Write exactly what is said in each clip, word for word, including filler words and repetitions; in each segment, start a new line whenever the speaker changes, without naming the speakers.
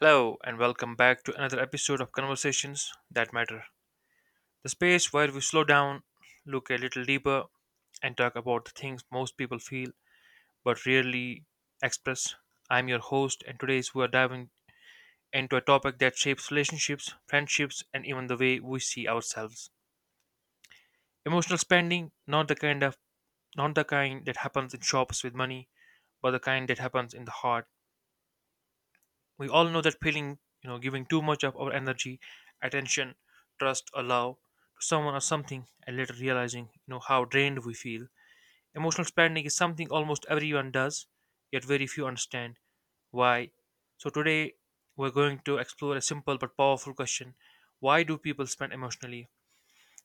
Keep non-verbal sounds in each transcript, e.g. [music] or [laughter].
Hello, and welcome back to another episode of Conversations That Matter, the space where we slow down, look a little deeper, and talk about the things most people feel but rarely express. I'm your host, and today we are diving into a topic that shapes relationships, friendships, and even the way we see ourselves. Emotional spending, not the kind of not the kind that happens in shops with money, but the kind that happens in the heart. We all know that feeling, you know, giving too much of our energy, attention, trust, or love to someone or something, and later realizing, you know, how drained we feel. Emotional spending is something almost everyone does, yet very few understand why. So today we're going to explore a simple but powerful question: why do people spend emotionally?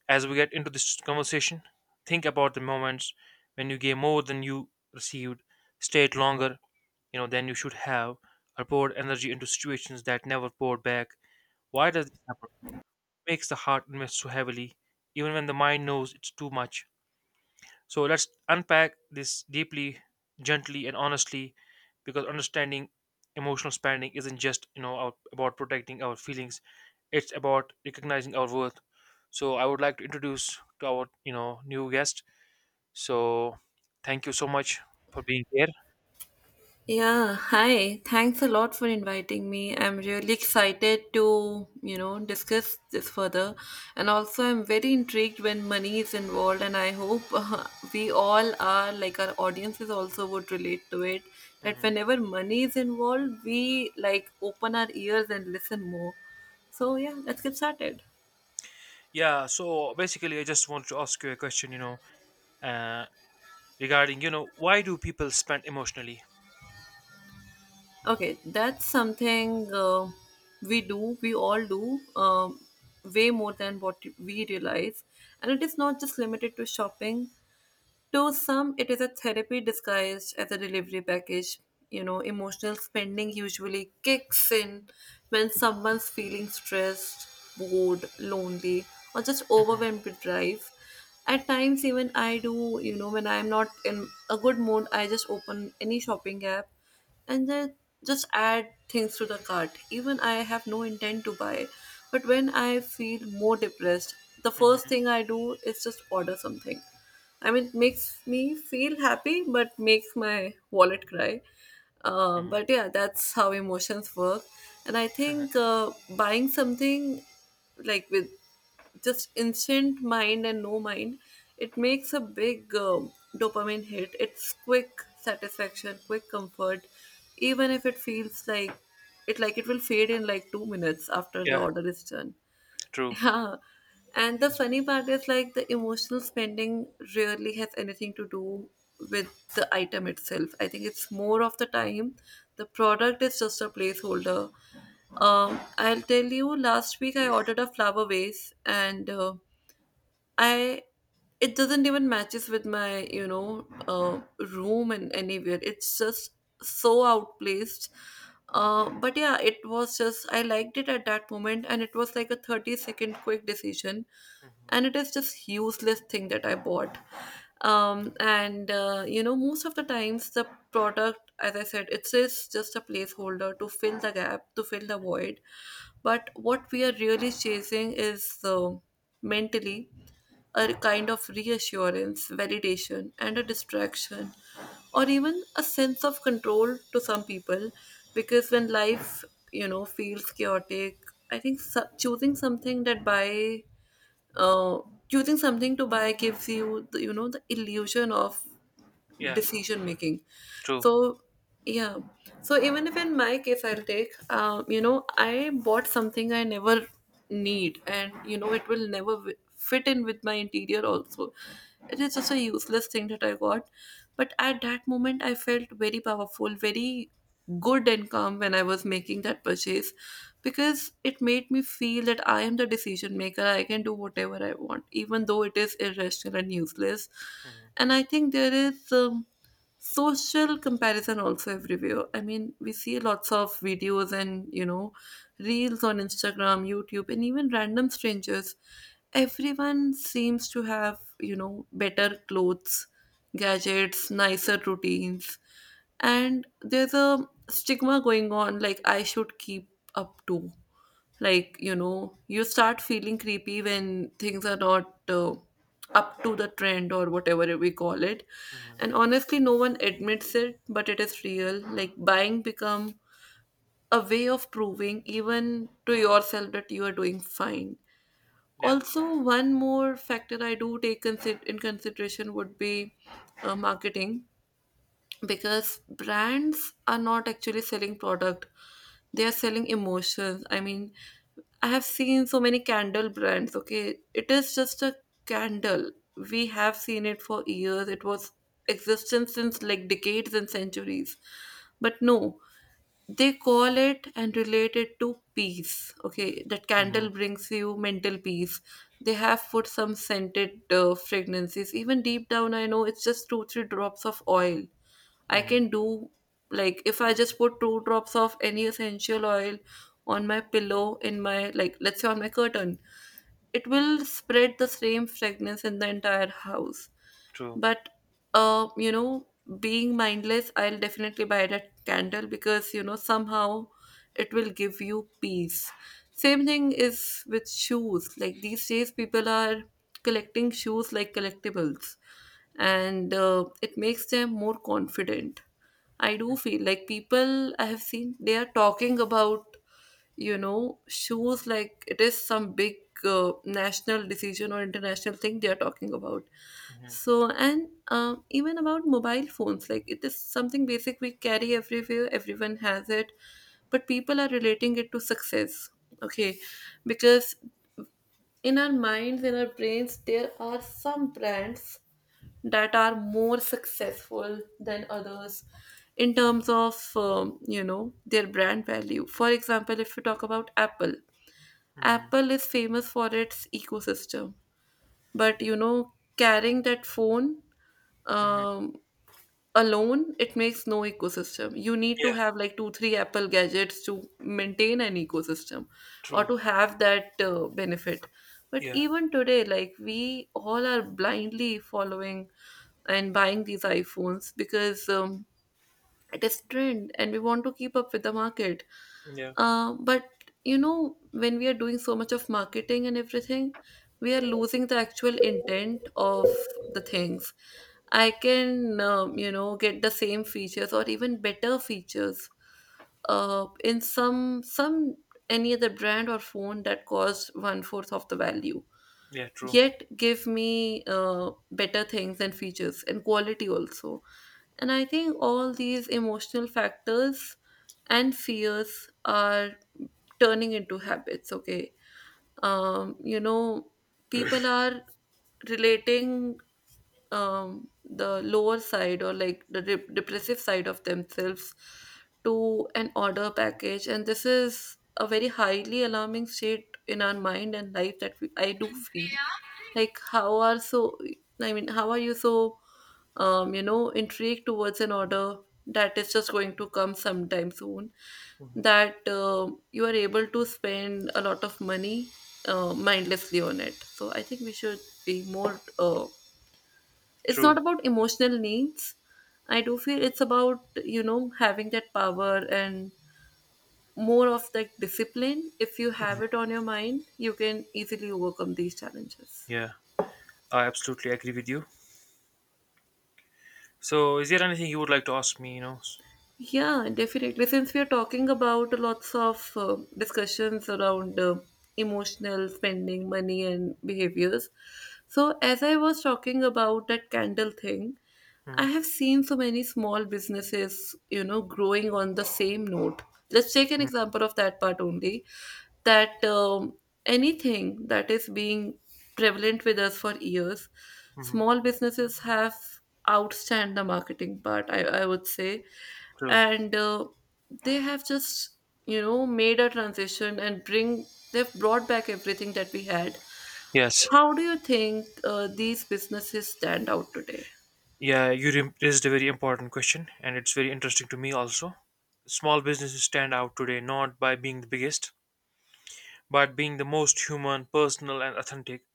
As we get into this conversation, think about the moments when you gave more than you received, stayed longer you know then you should have, or poured energy into situations that never poured back. Why does this happen? It makes the heart invest so heavily even when the mind knows it's too much. So let's unpack this deeply, gently, and honestly, because understanding emotional spending isn't just you know out- about protecting our feelings, it's about recognizing our worth. So I would like to introduce to our you know new guest. So thank you so much for being here.
Yeah, hi. Thanks a lot for inviting me. I'm really excited to, you know, discuss this further. And also, I'm very intrigued when money is involved, and I hope [laughs] uh, we all are, like our audiences also would relate to it, that
Mhm.
whenever money is involved, we like open our ears and listen more. So, yeah, let's get started.
Yeah, so basically, I just want to ask you a question, you know, uh, regarding, you know, why do people spend emotionally?
Okay, that's something uh, we do, we all do, um, way more than what we realize. And it is not just limited to shopping. To some, it is a therapy disguised as a delivery package. You know, emotional spending usually kicks in when someone's feeling stressed, bored, lonely, or just
Hmm.
overwhelmed with life. At times, even I do, you know, when I'm not in a good mood, I just open any shopping app and then just add things to the cart. Even I have no intent to buy. But when I feel more depressed, the first
Hmm.
thing I do is just order something. I mean, it makes me feel happy, but makes my wallet cry. Um,
Hmm.
but yeah, that's how emotions work. And I think
[laughs]
uh, buying something like with just instant mind and no mind, it makes a big um dopamine hit. It's quick satisfaction, quick comfort, even if it feels like it like it will fade in like two minutes after the
Yeah,
order is done.
true.
Yeah. And the funny part is like the emotional spending rarely has anything to do with the item itself. I think it's more of the time the product is just a placeholder. Um, I'll tell you, last week I ordered a flower vase and uh, I it doesn't even matches with my you know uh, room and anywhere. It's just so outplaced. Uh, but yeah, it was just I liked it at that moment, and it was like a thirty-second quick decision,
Hmm.
and it is just useless thing that I bought. Um and uh, you know, most of the times the product, as I said, it is just a placeholder to fill the gap, to fill the void. But what we are really chasing is uh, mentally a kind of reassurance, validation, and a distraction, or even a sense of control to some people. Because when life, you know, feels chaotic, i think so- choosing something that by uh, choosing something to buy gives you the, you know, the illusion of
Yeah,
decision making.
true.
So yeah, so even if in my case, I'll take um, you know, I bought something I never need, and you know, it will never wi- fit in with my interior also. It is just a useless thing that I got. But at that moment, I felt very powerful, very good income when I was making that purchase, because it made me feel that I am the decision maker. I can do whatever I want, even though it is irrational and useless.
Hmm.
And I think there is um, social comparison also everywhere. I mean, we see lots of videos and, you know, reels on Instagram, YouTube, and even random strangers. Everyone seems to have, you know, better clothes, gadgets, nicer routines. And there's a stigma going on like I should keep up to, like, you know, you start feeling creepy when things are not uh, up to the trend or whatever we call it.
Hmm.
And honestly, no one admits it, but it is real. Like buying become a way of proving even to yourself that you are doing fine.
Yeah.
Also, one more factor I do take consider- in consideration would be uh, marketing, because brands are not actually selling product, they are selling emotions. I mean, I have seen so many candle brands. Okay, it is just a candle. We have seen it for years. It was existence since like decades and centuries. But no, they call it and relate it to peace. Okay, that
Hmm.
candle brings you mental peace. They have put some scented uh, fragrances. Even deep down, I know it's just two three drops of oil I
Hmm.
can do. Like if I just put two drops of any essential oil on my pillow, in my, like, let's say, on my curtain, it will spread the same fragrance in the entire house.
True.
But uh, you know, being mindless, I'll definitely buy that candle because you know somehow it will give you peace. Same thing is with shoes. Like these days, people are collecting shoes like collectibles, and uh, it makes them more confident. I do feel like people I have seen, they are talking about, you know, shoes like it is some big uh, national decision or international thing they are talking about.
Hmm.
So, and um, even about mobile phones, like it is something basic we carry everywhere. Everyone has it, but people are relating it to success. Okay, because in our minds, in our brains, there are some brands that are more successful than others in terms of um, you know, their brand value. For example, if you talk about Apple,
Hmm.
Apple is famous for its ecosystem. But you know, carrying that phone
Hmm.
um, alone, it makes no ecosystem. You need to
Yeah,
have like two three Apple gadgets to maintain an ecosystem or
true.
to have that uh, benefit. But
Yeah,
even today, like we all are blindly following and buying these iPhones because um, it is trend and we want to keep up with the market.
yeah,
Uh, but you know, when we are doing so much of marketing and everything, we are losing the actual intent of the things. I can um, you know, get the same features or even better features uh, in some some any other brand or phone that costs one fourth of the value,
yeah, true.
yet give me uh, better things and features and quality also. And I think all these emotional factors and fears are turning into habits, okay? Um, you know, people are relating um, the lower side or like the de- depressive side of themselves to an order package. And this is a very highly alarming state in our mind and life that we, I do feel like how are so i mean how are you so um you know intrigued towards an order that is just going to come sometime soon, that uh, you are able to spend a lot of money uh, mindlessly on it. So I think we should be more uh, it's not
True.
about emotional needs. I do feel it's about, you know, having that power and more of that discipline. If you have it on your mind, you can easily overcome these challenges.
Yeah, I absolutely agree with you. So, is there anything you would like to ask me, you know?
Yeah, definitely. Since we are talking about lots of uh, discussions around uh, emotional spending, money, and behaviors. So, as I was talking about that candle thing, I
Mm-hmm.
have seen so many small businesses, you know, growing on the same note. Let's take an example of that part only. That um, anything that is being prevalent with us for years,
Hmm.
small businesses have outstand the marketing part, I, I would say.
True.
And uh, they have just, you know, made a transition and bring, they've brought back everything that we had.
Yes.
How do you think uh, these businesses stand out today?
Yeah, you re- raised a very important question, and it's very interesting to me also. Small businesses stand out today not by being the biggest, but being the most human, personal, and authentic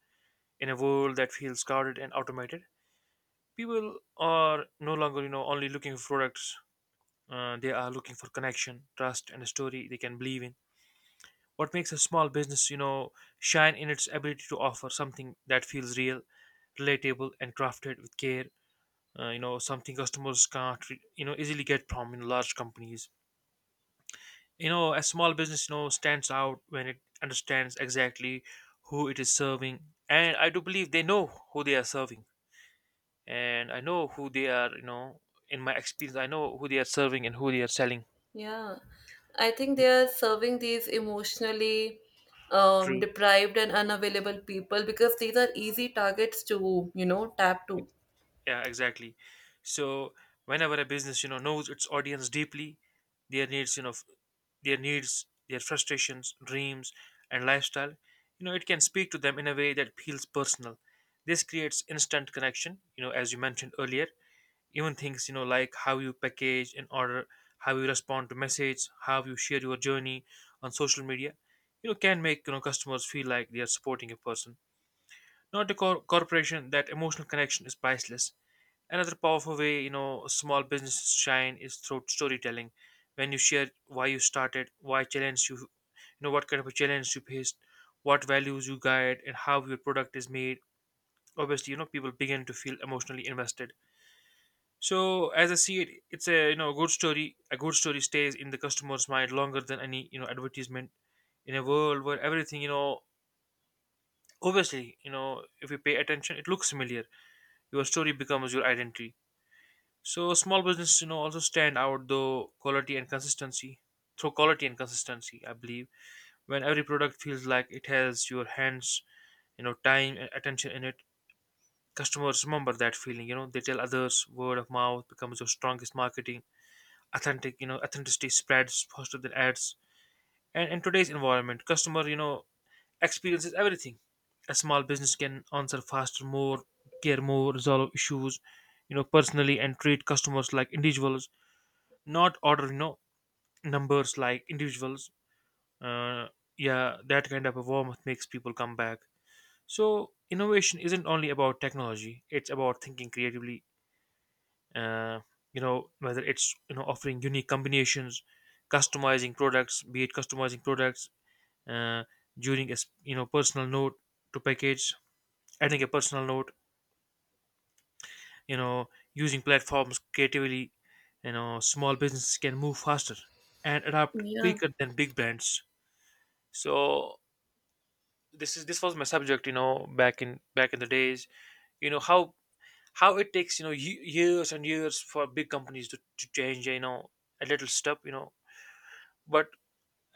in a world that feels crowded and automated. People are no longer, you know, only looking for products. Uh, they are looking for connection, trust, and a story they can believe in. What makes a small business, you know, shine in its ability to offer something that feels real, relatable, and crafted with care, uh, you know something customers can't re- you know easily get from in large companies. You know a small business you know stands out when it understands exactly who it is serving, and I do believe they know who they are serving, and I know who they are. You know in my experience, I know who they are serving and who they are selling
Yeah, I think they are serving these emotionally um,
to.
deprived and unavailable people, because these are easy targets to, you know, tap to.
Yeah, exactly. So whenever a business, you know, knows its audience deeply, their needs, you know, f- their needs, their frustrations, dreams, and lifestyle, you know, it can speak to them in a way that feels personal. This creates instant connection, you know, as you mentioned earlier. Even things, you know, like how you package an order, how you respond to messages, how you share your journey on social media, you know, can make you know customers feel like they are supporting a person. Not a cor- corporation, that emotional connection is priceless. Another powerful way, you know, small businesses shine is through storytelling. When you share why you started, why challenge you, you know, what kind of a challenge you faced, what values you guide, and how your product is made. Obviously, you know, people begin to feel emotionally invested. So, as I see it, it's a you know good story. A good story stays in the customer's mind longer than any you know advertisement. In a world where everything, you know, obviously, you know, if you pay attention, it looks familiar. Your story becomes your identity. So small businesses, you know, also stand out though quality and consistency. Through quality and consistency, I believe when every product feels like it has your hands, you know, time and attention in it, customers remember that feeling. You know, they tell others. Word of mouth becomes your strongest marketing. Authentic, you know, authenticity spreads faster than ads. And in today's environment, customer, you know, experiences everything. A small business can answer faster, more, care more, resolve issues, you know, personally, and treat customers like individuals, not ordering no numbers, like individuals. uh, yeah, that kind of a warmth makes people come back. So innovation isn't only about technology, it's about thinking creatively, uh, you know whether it's you know offering unique combinations, customizing products be it customizing products, uh, during a s- you know personal note to package, adding a personal note, you know using platforms creatively. You know small businesses can move faster and adapt
Yeah,
quicker than big brands. So this is this was my subject, you know back in back in the days. you know how how it takes, you know ye- years and years for big companies to, to change, you know a little step, you know but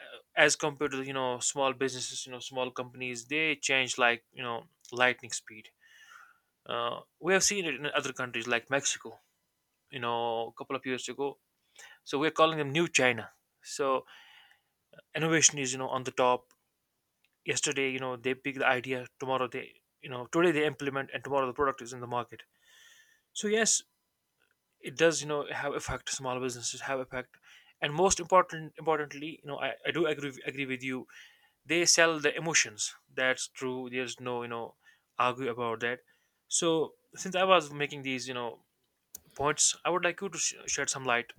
uh, as compared to, you know small businesses. You know small companies, they change like, you know lightning speed. Uh, we have seen it in other countries like Mexico, you know a couple of years ago. So we're calling them new China. So innovation is, you know on the top. Yesterday, you know they pick the idea, tomorrow they you know today they implement, and tomorrow the product is in the market. So yes, it does, you know have effect. Small businesses have effect. And most important importantly, you know i, I do agree agree with you. They sell the emotions, that's true. There's no, you know argue about that. So since I was making these, you know points, I would like you to sh- shed some light.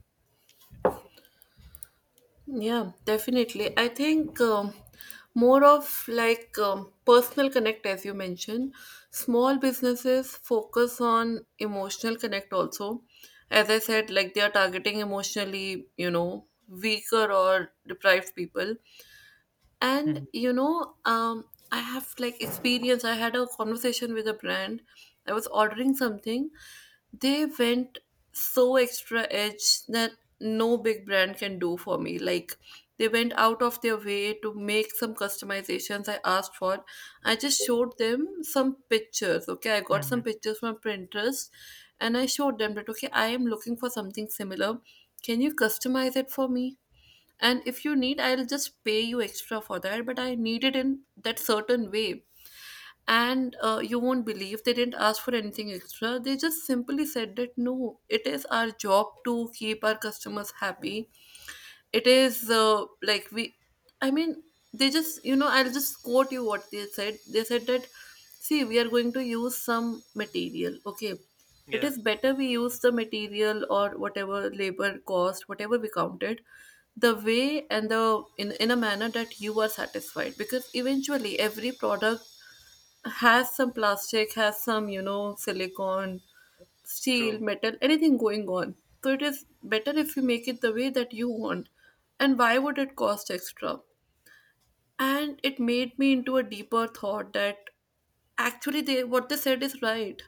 yeah, definitely. I think um, more of like um, personal connect, as you mentioned, small businesses focus on emotional connect also. As I said, like they are targeting emotionally, you know, weaker or deprived people. And
Hmm.
you know, um I have like experience. I had a conversation with a brand. I was ordering something. They went so extra edge that no big brand can do for me. Like they went out of their way to make some customizations I asked for. I just showed them some pictures. Okay, I got some
Hmm.
pictures from Pinterest, and I showed them that, okay, I am looking for something similar. Can you customize it for me? And if you need, I'll just pay you extra for that, but I need it in that certain way. And uh, you won't believe, they didn't ask for anything extra. They just simply said that no, it is our job to keep our customers happy. It is uh, like we I mean they just, you know, I'll just quote you what they said. They said that, see, we are going to use some material, okay? It
Yeah,
is better we use the material, or whatever labor cost, whatever we counted, the way and the in, in a manner that you are satisfied, because eventually every product has some plastic, has some, you know, silicone, steel,
true.
metal, anything going on. So it is better if you make it the way that you want. And why would it cost extra? And it made me into a deeper thought that actually they, what they said is right.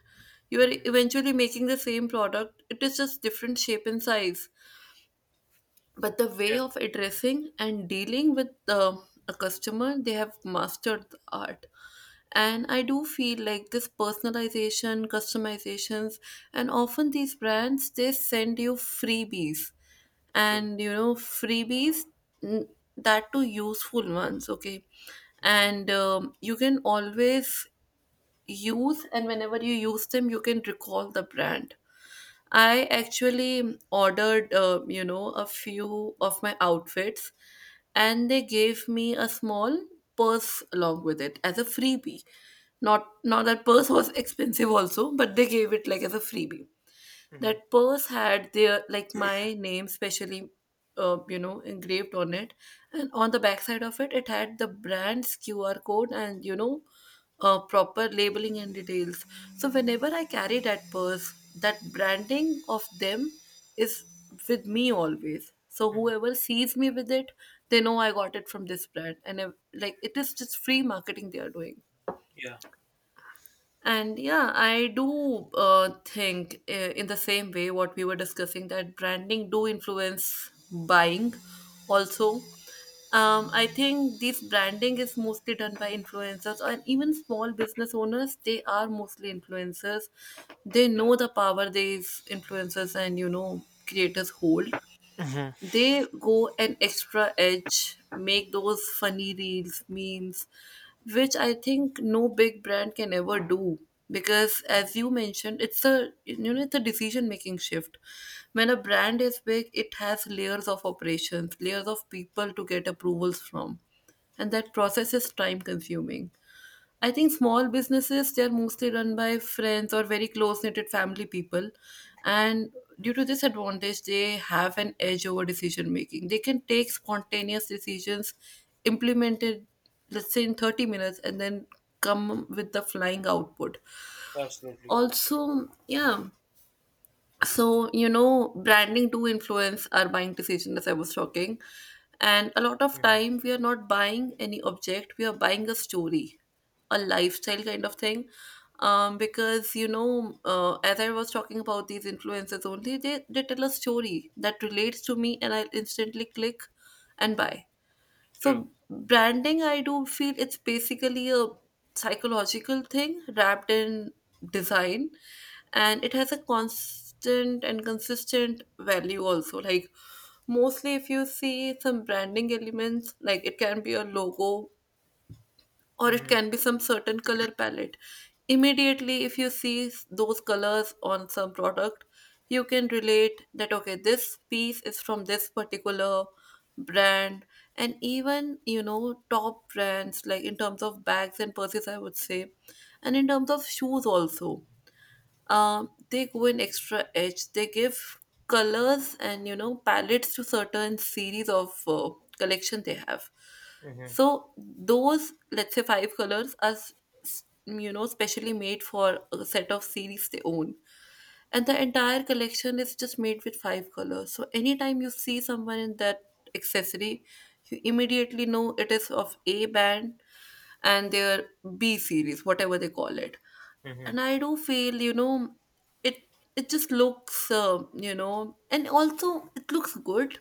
You are
Hmm.
eventually making the same product. It is just different shape and size, but the way
Yeah,
of addressing and dealing with uh, a customer, they have mastered the art. And I do feel like this personalization, customizations, and often these brands, they send you freebies.
true.
And you know freebies, n- that too useful ones. Okay.
Hmm.
And um, you can always use, and whenever you use them, you can recall the brand. I actually ordered, uh, you know, a few of my outfits, and they gave me a small purse along with it as a freebie. Not, not that purse was [laughs] expensive also, but they gave it like as a freebie.
Hmm.
That purse had their, like, my name specially, uh, you know engraved on it. And on the backside of it, it had the brand's QR code, and you know uh, proper labeling and details. So whenever I carry that purse, that branding of them is with me always. So
Hmm.
whoever sees me with it, they know I got it from this brand. And uh, like, it is just free marketing they are doing.
Yeah.
And yeah, I do uh, think, uh, in the same way what we were discussing, that branding do influence buying also. Um, I think this branding is mostly done by influencers, and even small business owners, they are mostly influencers. They know the power these influencers and, you know, creators hold.
Hmm.
They go an extra edge, make those funny reels, memes, which I think no big brand can ever do. Because as you mentioned, it's a, you know, it's a decision making shift. When a brand is big, it has layers of operations, layers of people to get approvals from, and that process is time consuming. I think small businesses, they're mostly run by friends or very close knitted family people, and due to this advantage, they have an edge over decision making. They can take spontaneous decisions, implemented, let's say, in thirty minutes, and then come with the flying output.
Absolutely.
Also, yeah, so, you know, branding do influence our buying decision, as I was talking. And a lot of
Hmm.
time we are not buying any object, we are buying a story, a lifestyle kind of thing. Um, because, you know, uh, as I was talking about these influencers only, they, they tell a story that relates to me, and I'll instantly click and buy.
True.
So branding, I do feel it's basically a psychological thing wrapped in design, and it has a constant and consistent value also. Like, mostly, if you see some branding elements, like it can be a logo or it
Mhm,
can be some certain color palette. Immediately, if you see s- those colors on some product, you can relate that, okay, this piece is from this particular brand. And even, you know, top brands, like in terms of bags and purses, I would say, and in terms of shoes, also, um, they go an extra edge. They give colors and, you know, palettes to certain series of uh, collection they have.
mhm,
So those, let's say, five colors are s- s- you know, specially made for a set of series they own, and the entire collection is just made with five colors. So anytime you see someone in that accessory, you immediately know it is of A band and their B series, whatever they call it.
mhm,
And I do feel, you know, it it just looks, uh, you know and also it looks good,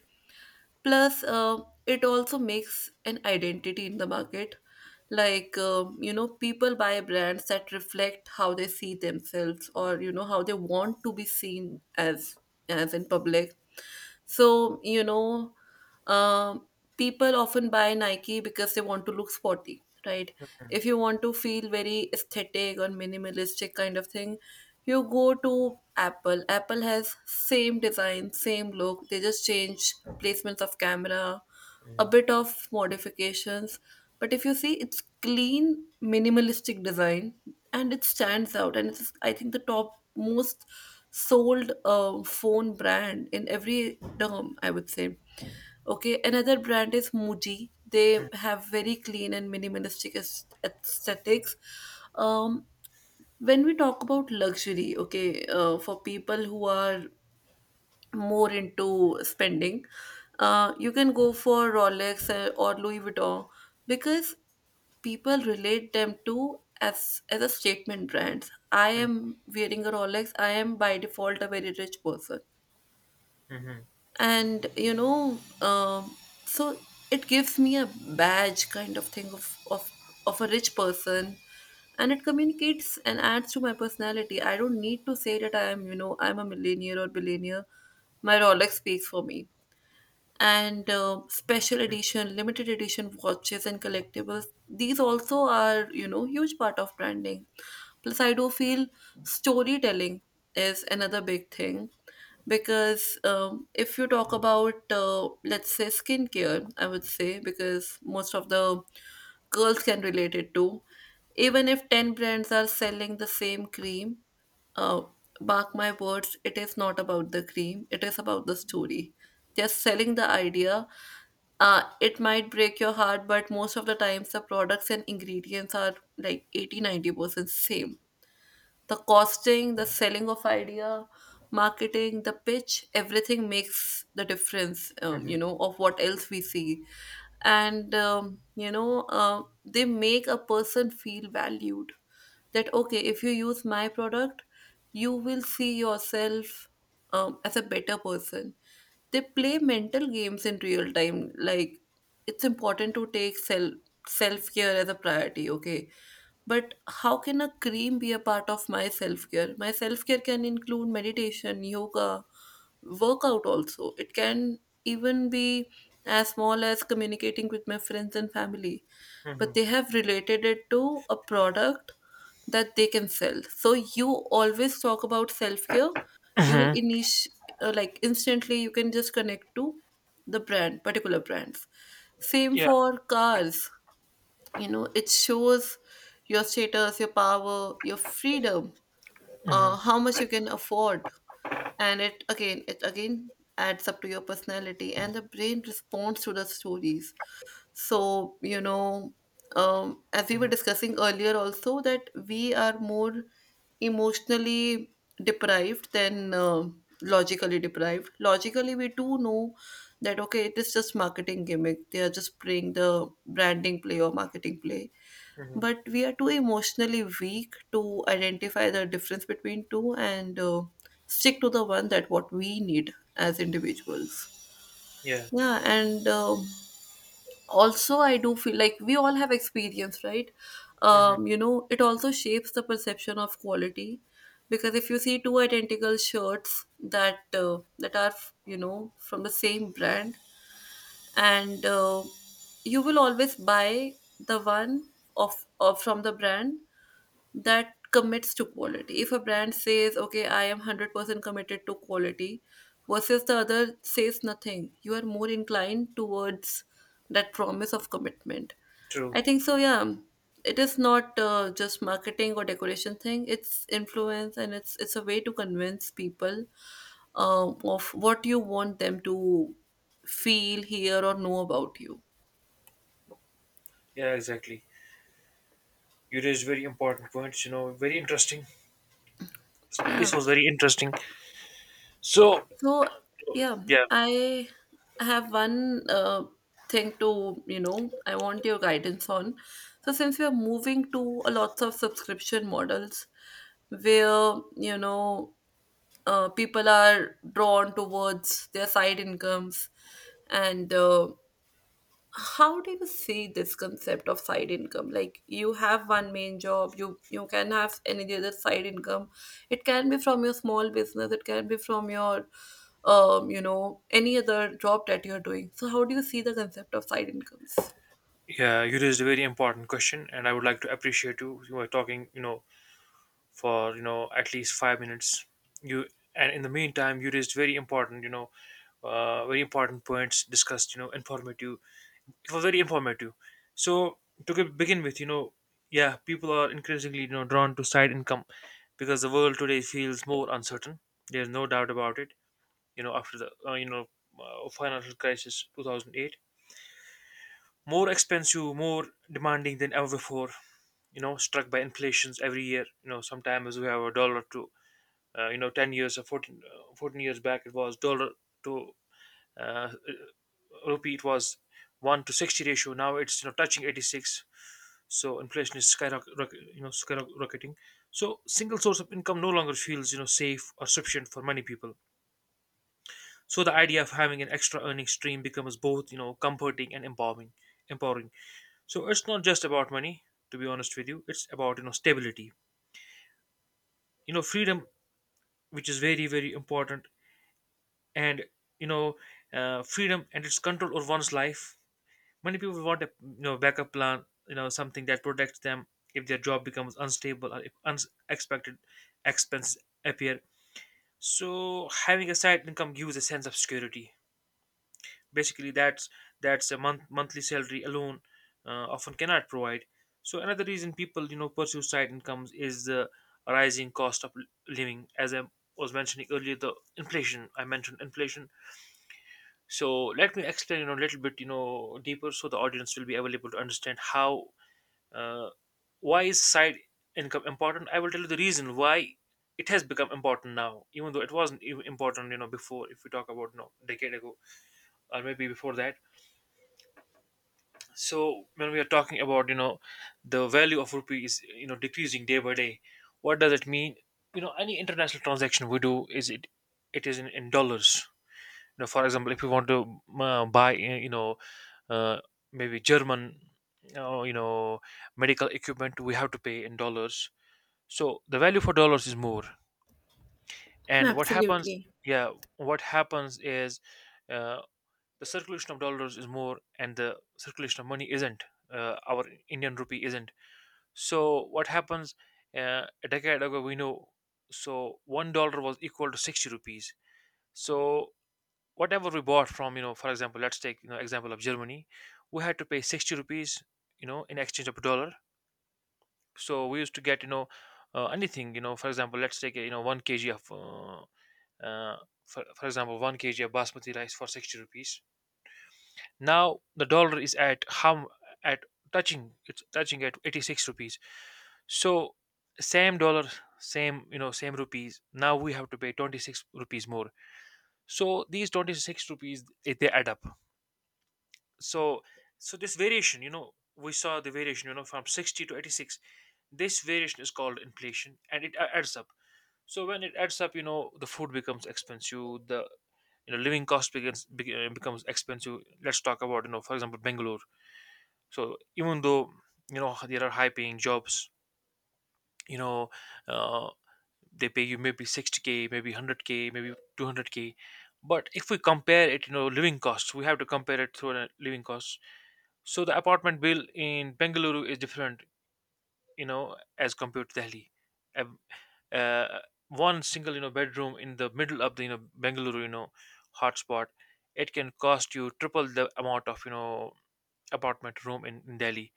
plus uh, it also makes an identity in the market. Like, um, you know, people buy brands that reflect how they see themselves, or, you know, how they want to be seen as as in public. So, you know, um, people often buy Nike because they want to look sporty, right? If you want to feel very aesthetic or minimalistic kind of thing, you go to Apple. Apple has same design, same look. They just change placements of camera, a
mhm,
bit of modifications. But if you see, it's clean, minimalistic design, and it stands out. And it's, I think, the top most sold uh, phone brand in every term, I would say. Okay, another brand is Muji. They
mhm,
have very clean and minimalistic aes- aesthetics. Um, when we talk about luxury, okay, uh, for people who are more into spending, uh, you can go for Rolex uh, or Louis Vuitton, because people relate them to, as as a statement brands. I am wearing a Rolex, I am by default a very rich person.
mhm,
And, you know, um, so it gives me a badge kind of thing of, of of a rich person. And it communicates and adds to my personality. I don't need to say that I am, you know, I'm a millionaire or billionaire. My Rolex speaks for me. And uh, special edition, limited edition watches and collectibles. These also are, you know, huge part of branding. Plus, I do feel storytelling is another big thing. Because, um, if you talk about, uh, let's say, skincare, I would say, because most of the girls can relate it to, even if ten brands are selling the same cream, uh, mark my words, it is not about the cream, it is about the story. They're selling the idea. Uh, it might break your heart, but most of the times the products and ingredients are like eighty, ninety percent same. The costing, the selling of idea, marketing, the pitch, everything makes the difference, um,
mhm,
you know, of what else we see. And, um, you know, uh, they make a person feel valued, that okay, if you use my product, you will see yourself, um, as a better person. They play mental games in real time. Like, it's important to take self self care as a priority, okay? But how can a cream be a part of my self care? My self care can include meditation, yoga, workout also. It can even be as small as communicating with my friends and family. But
mhm.
they have related it to a product that they can sell. So you always talk about self care. You will
Mhm.
init- uh, like, instantly you can just connect to the brand, particular brands. Same
Yeah.
for cars, you know, it shows your status, your power, your freedom,
Mhm,
uh, how much you can afford. And it again it again adds up to your personality, and the brain responds to the stories. So, you know, um, as we were
mhm,
discussing earlier also, that we are more emotionally deprived than uh, logically deprived. Logically, we do know that, okay, it is just marketing gimmick, they are just playing the branding play or marketing play.
mhm.
But we are too emotionally weak to identify the difference between two, and uh, stick to the one that what we need as individuals.
Yeah.
Yeah. And, um, also, I do feel like we all have experience, right?
Mhm.
Um, you know, it also shapes the perception of quality. Because if you see two identical shirts that uh, that are, you know, from the same brand, and uh, you will always buy the one of, of from the brand that commits to quality. If a brand says, okay, I am one hundred percent committed to quality, versus the other says nothing, you are more inclined towards that promise of commitment.
True.
I think so, yeah. It is not uh, just marketing or decoration thing. It's influence, and it's it's a way to convince people uh, of what you want them to feel, hear, or know about you.
Yeah, exactly. You raised very important points, you know, very interesting.
Yeah.
This was very interesting. So,
So, yeah,
yeah,
I have one uh, thing to, you know, I want your guidance on. So, since we are moving to a lots of subscription models where, you know, uh, people are drawn towards their side incomes. And uh, how do you see this concept of side income? Like, you have one main job, you you can have any other side income. It can be from your small business, it can be from your, um, you know, any other job that you're doing. So how do you see the concept of side incomes?
yeah, you raised a very important question, and I would like to appreciate you. You were talking, you know, for, you know, at least five minutes. You, and in the meantime, you raised very important, you know, uh, very important points discussed, you know, informative, it was very informative. So to ge- begin with, you know, yeah, people are increasingly you know drawn to side income because the world today feels more uncertain. There's no doubt about it. You know, after the uh, you know uh, financial crisis two thousand eight, more expensive, more demanding than ever before. You know, struck by inflations every year. You know, sometimes we have a dollar to uh, you know ten years or fourteen, uh, fourteen years back, it was dollar to, uh, rupee, it was one to sixty ratio, now it's, you know touching eighty-six. So inflation is skyrocketing, you know skyrocketing so single source of income no longer feels, you know safe or sufficient for many people. So the idea of having an extra earning stream becomes both, you know comforting and empowering empowering. So it's not just about money, to be honest with you, it's about, you know stability, you know freedom, which is very very important. And you know uh, freedom and its control over one's life. Many people want a you know backup plan, you know something that protects them if their job becomes unstable or if unexpected expenses appear. So having a side income gives a sense of security. Basically, that's that's a month monthly salary alone, uh, often cannot provide. So another reason people, you know pursue side incomes is the rising cost of living. As I was mentioning earlier, the inflation. I mentioned inflation. So let me explain, you know, a little bit, you know deeper, so the audience will be available to understand how, uh, why is side income important? I will tell you the reason why it has become important now, even though it wasn't even important, you know, before. If we talk about, you know, decade ago or maybe before that. So when we are talking about, you know, the value of rupee is, you know, decreasing day by day. What does it mean? You know, any international transaction we do, is it it is in, in, dollars. You know, for example, if we want to uh, buy, uh, you know, uh, maybe German, uh, you know, medical equipment, we have to pay in dollars. So the value for dollars is more. And what happens?
Absolutely.
Yeah, what happens is, uh, the circulation of dollars is more, and the circulation of money isn't. Uh, our Indian rupee isn't. So what happens? Uh, a decade ago, we know. So one dollar was equal to sixty rupees. So whatever we bought from, you know, for example, let's take you know example of Germany, we had to pay sixty rupees, you know, in exchange of a dollar. So we used to get you know uh, anything, you know, for example, let's take uh, you know one kg of uh, uh, for, for example one kg of basmati rice for sixty rupees. Now the dollar is at hum at touching, it's touching at eighty-six rupees. So same dollar, same you know same rupees, now we have to pay twenty-six rupees more. So these twenty-six rupees, eh, they add up. So so this variation, you know we saw the variation, you know, from sixty to eighty-six. This variation is called inflation, and it a- adds up. So when it adds up, you know, the food becomes expensive, the, you know, living cost begins be, uh, becomes expensive. Let's talk about, you know, for example, Bangalore. So even though, you know, there are high paying jobs, you know uh, they pay you maybe sixty k, maybe one hundred k, maybe two hundred k. But if we compare it, you know, living costs, we have to compare it through a living costs. So the apartment bill in Bengaluru is different, you know, as compared to Delhi. uh, One single, you know, bedroom in the middle of the, you know, Bengaluru, you know, hotspot, it can cost you triple the amount of, you know, apartment room in, in Delhi.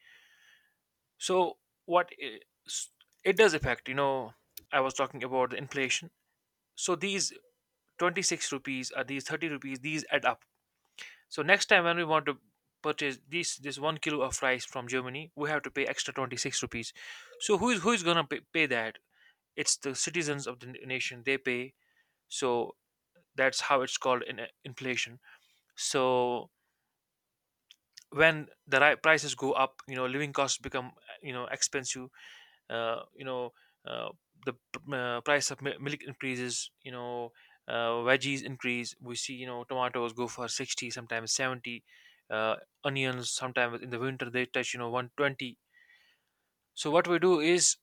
So what i- s- it does affect, you know, I was talking about the inflation. So these twenty-six rupees or these thirty rupees, these add up. So next time when we want to purchase this this one kilo of rice from Germany, we have to pay extra twenty-six rupees. So who is who is gonna pay, pay that? It's the citizens of the n- nation. They pay. So that's how it's called, in uh, inflation. So when the ri- prices go up, you know, living costs become, uh, you know, expensive. uh, you know uh, the p- uh, price of mi- milk increases, you know, uh, veggies increase. We see, you know, tomatoes go for sixty, sometimes seventy. uh, Onions, sometimes in the winter, they touch, you know, one hundred twenty. So what we do is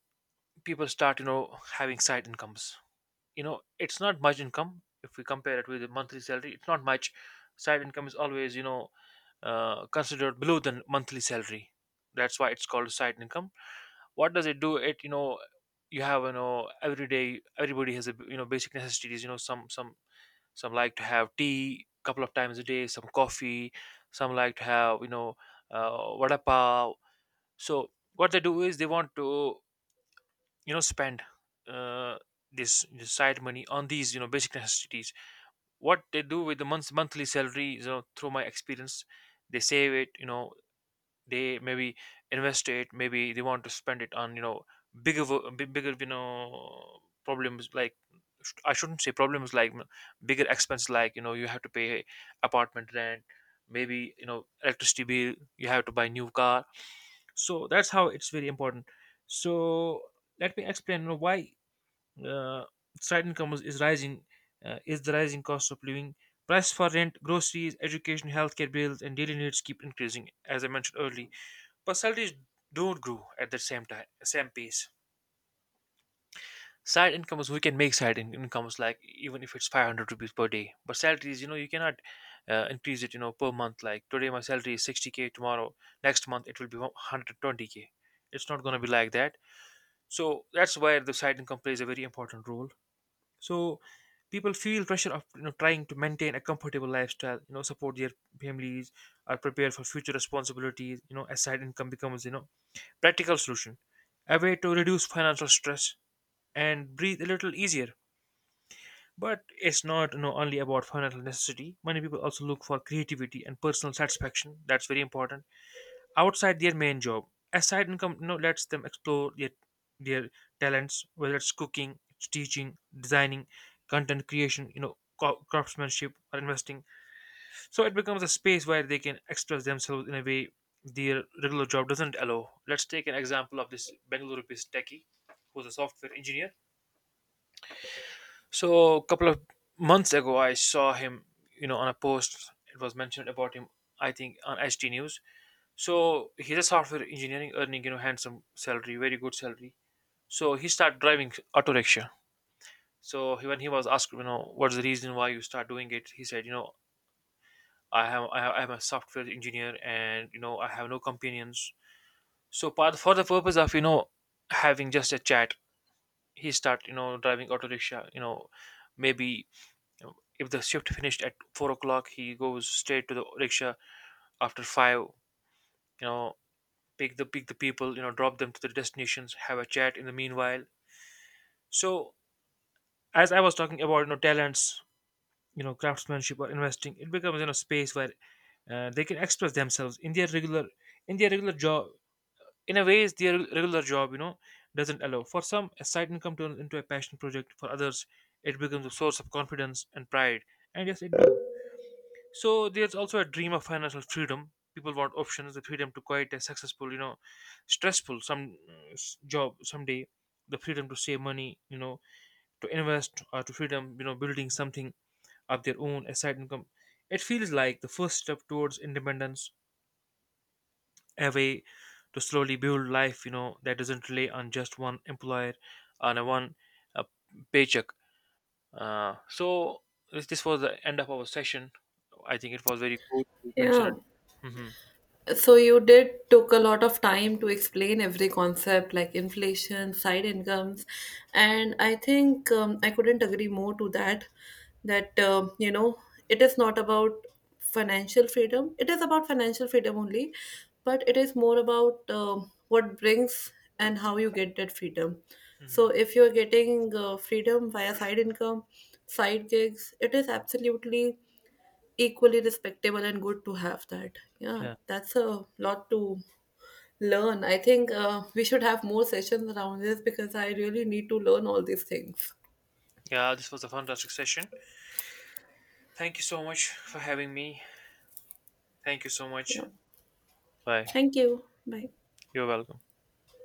people start, you know, having side incomes. You know, it's not much income if we compare it with the monthly salary, it's not much. Side income is always, you know, uh, considered below the monthly salary. That's why it's called side income. What does it do? It, you know, you have, you know, every day everybody has a, you know, basic necessities. You know, some some some like to have tea a couple of times a day, some coffee, some like to have, you know uh, vada pav. So what they do is they want to, you know, spend, uh, this, this side money on these, you know, basic necessities. What they do with the month monthly salary, you know, through my experience, they save it, you know, they maybe invest it, maybe they want to spend it on, you know, bigger wo- bi- bigger, you know, problems like, sh- I shouldn't say problems, like m- bigger expense, like, you know, you have to pay apartment rent, maybe, you know, electricity bill, you have to buy new car. So that's how it's very important. So let me explain, you know, why, uh, side income is, is rising, uh, is the rising cost of living. Price for rent, groceries, education, healthcare bills, and daily needs keep increasing, as I mentioned earlier. Personalities don't grow at the same time same pace. Side incomes, we can make side in- incomes, like even if it's five hundred rupees per day. But salaries, you know, you cannot, uh, increase it, you know, per month. Like today my salary is sixty k, tomorrow, next month it will be one hundred twenty k. It's not going to be like that. So that's why the side income plays a very important role. So people feel pressure of, you know, trying to maintain a comfortable lifestyle, you know, support their families, are prepared for future responsibilities, you know, as side income becomes, you know, practical solution, a way to reduce financial stress and breathe a little easier. But it's not, you know, only about financial necessity. Many people also look for creativity and personal satisfaction. That's very important outside their main job. A side income, you know, lets them explore their, their talents, whether it's cooking, it's teaching, designing, content creation, you know, co- craftsmanship, or investing. So it becomes a space where they can express themselves in a way their regular job doesn't allow. Let's take an example of this Bengaluru based techie who's a software engineer. So a couple of months ago, I saw him, you know, on a post. It was mentioned about him, I think, on H T News. So he's a software engineering, earning, you know, handsome salary, very good salary. So he started driving auto rickshaw. So he, when he was asked, you know, what's the reason why you start doing it, he said, you know, I have I have, I'm a software engineer, and you know, I have no companions. So part, for the purpose of, you know, having just a chat, he start, you know, driving auto rickshaw. You know, maybe, you know, if the shift finished at four o'clock, he goes straight to the rickshaw after five. You know, pick the pick the people. You know, drop them to the destinations. Have a chat in the meanwhile. So as I was talking about, you know, talents. You know, craftsmanship or investing, it becomes, you know, space where, uh, they can express themselves in their regular in their regular job in a ways their regular job, you know, doesn't allow. For some, a side income turns into a passion project. For others, it becomes a source of confidence and pride. And yes, it, so there's also a dream of financial freedom. People want options, the freedom to quit a successful, you know, stressful some uh, s- job someday, the freedom to save money, you know, to invest, or to freedom, you know, building something of their own. A side income, it feels like the first step towards independence, a way to slowly build life, you know, that doesn't rely on just one employer, on a one, uh, paycheck. Uh, so this, this was the end of our session. I think it was very good to mention it.
Yeah.
Hmm.
So you did took a lot of time to explain every concept like inflation, side incomes, and I think, um, I couldn't agree more to that. That, um, you know, it is not about financial freedom. It is about financial freedom only, but it is more about, um, what brings and how you get that freedom. So
Hmm.
if you are getting uh, freedom via side income, side gigs, it is absolutely equally respectable and good to have that. Yeah,
Yeah.
that's a lot to learn. I think uh, we should have more sessions around this because I really need to learn all these things.
Yeah, this was a fantastic session. Thank you so much for having me. Thank you so
Yeah.
much. Bye.
Thank you. Bye.
You're welcome.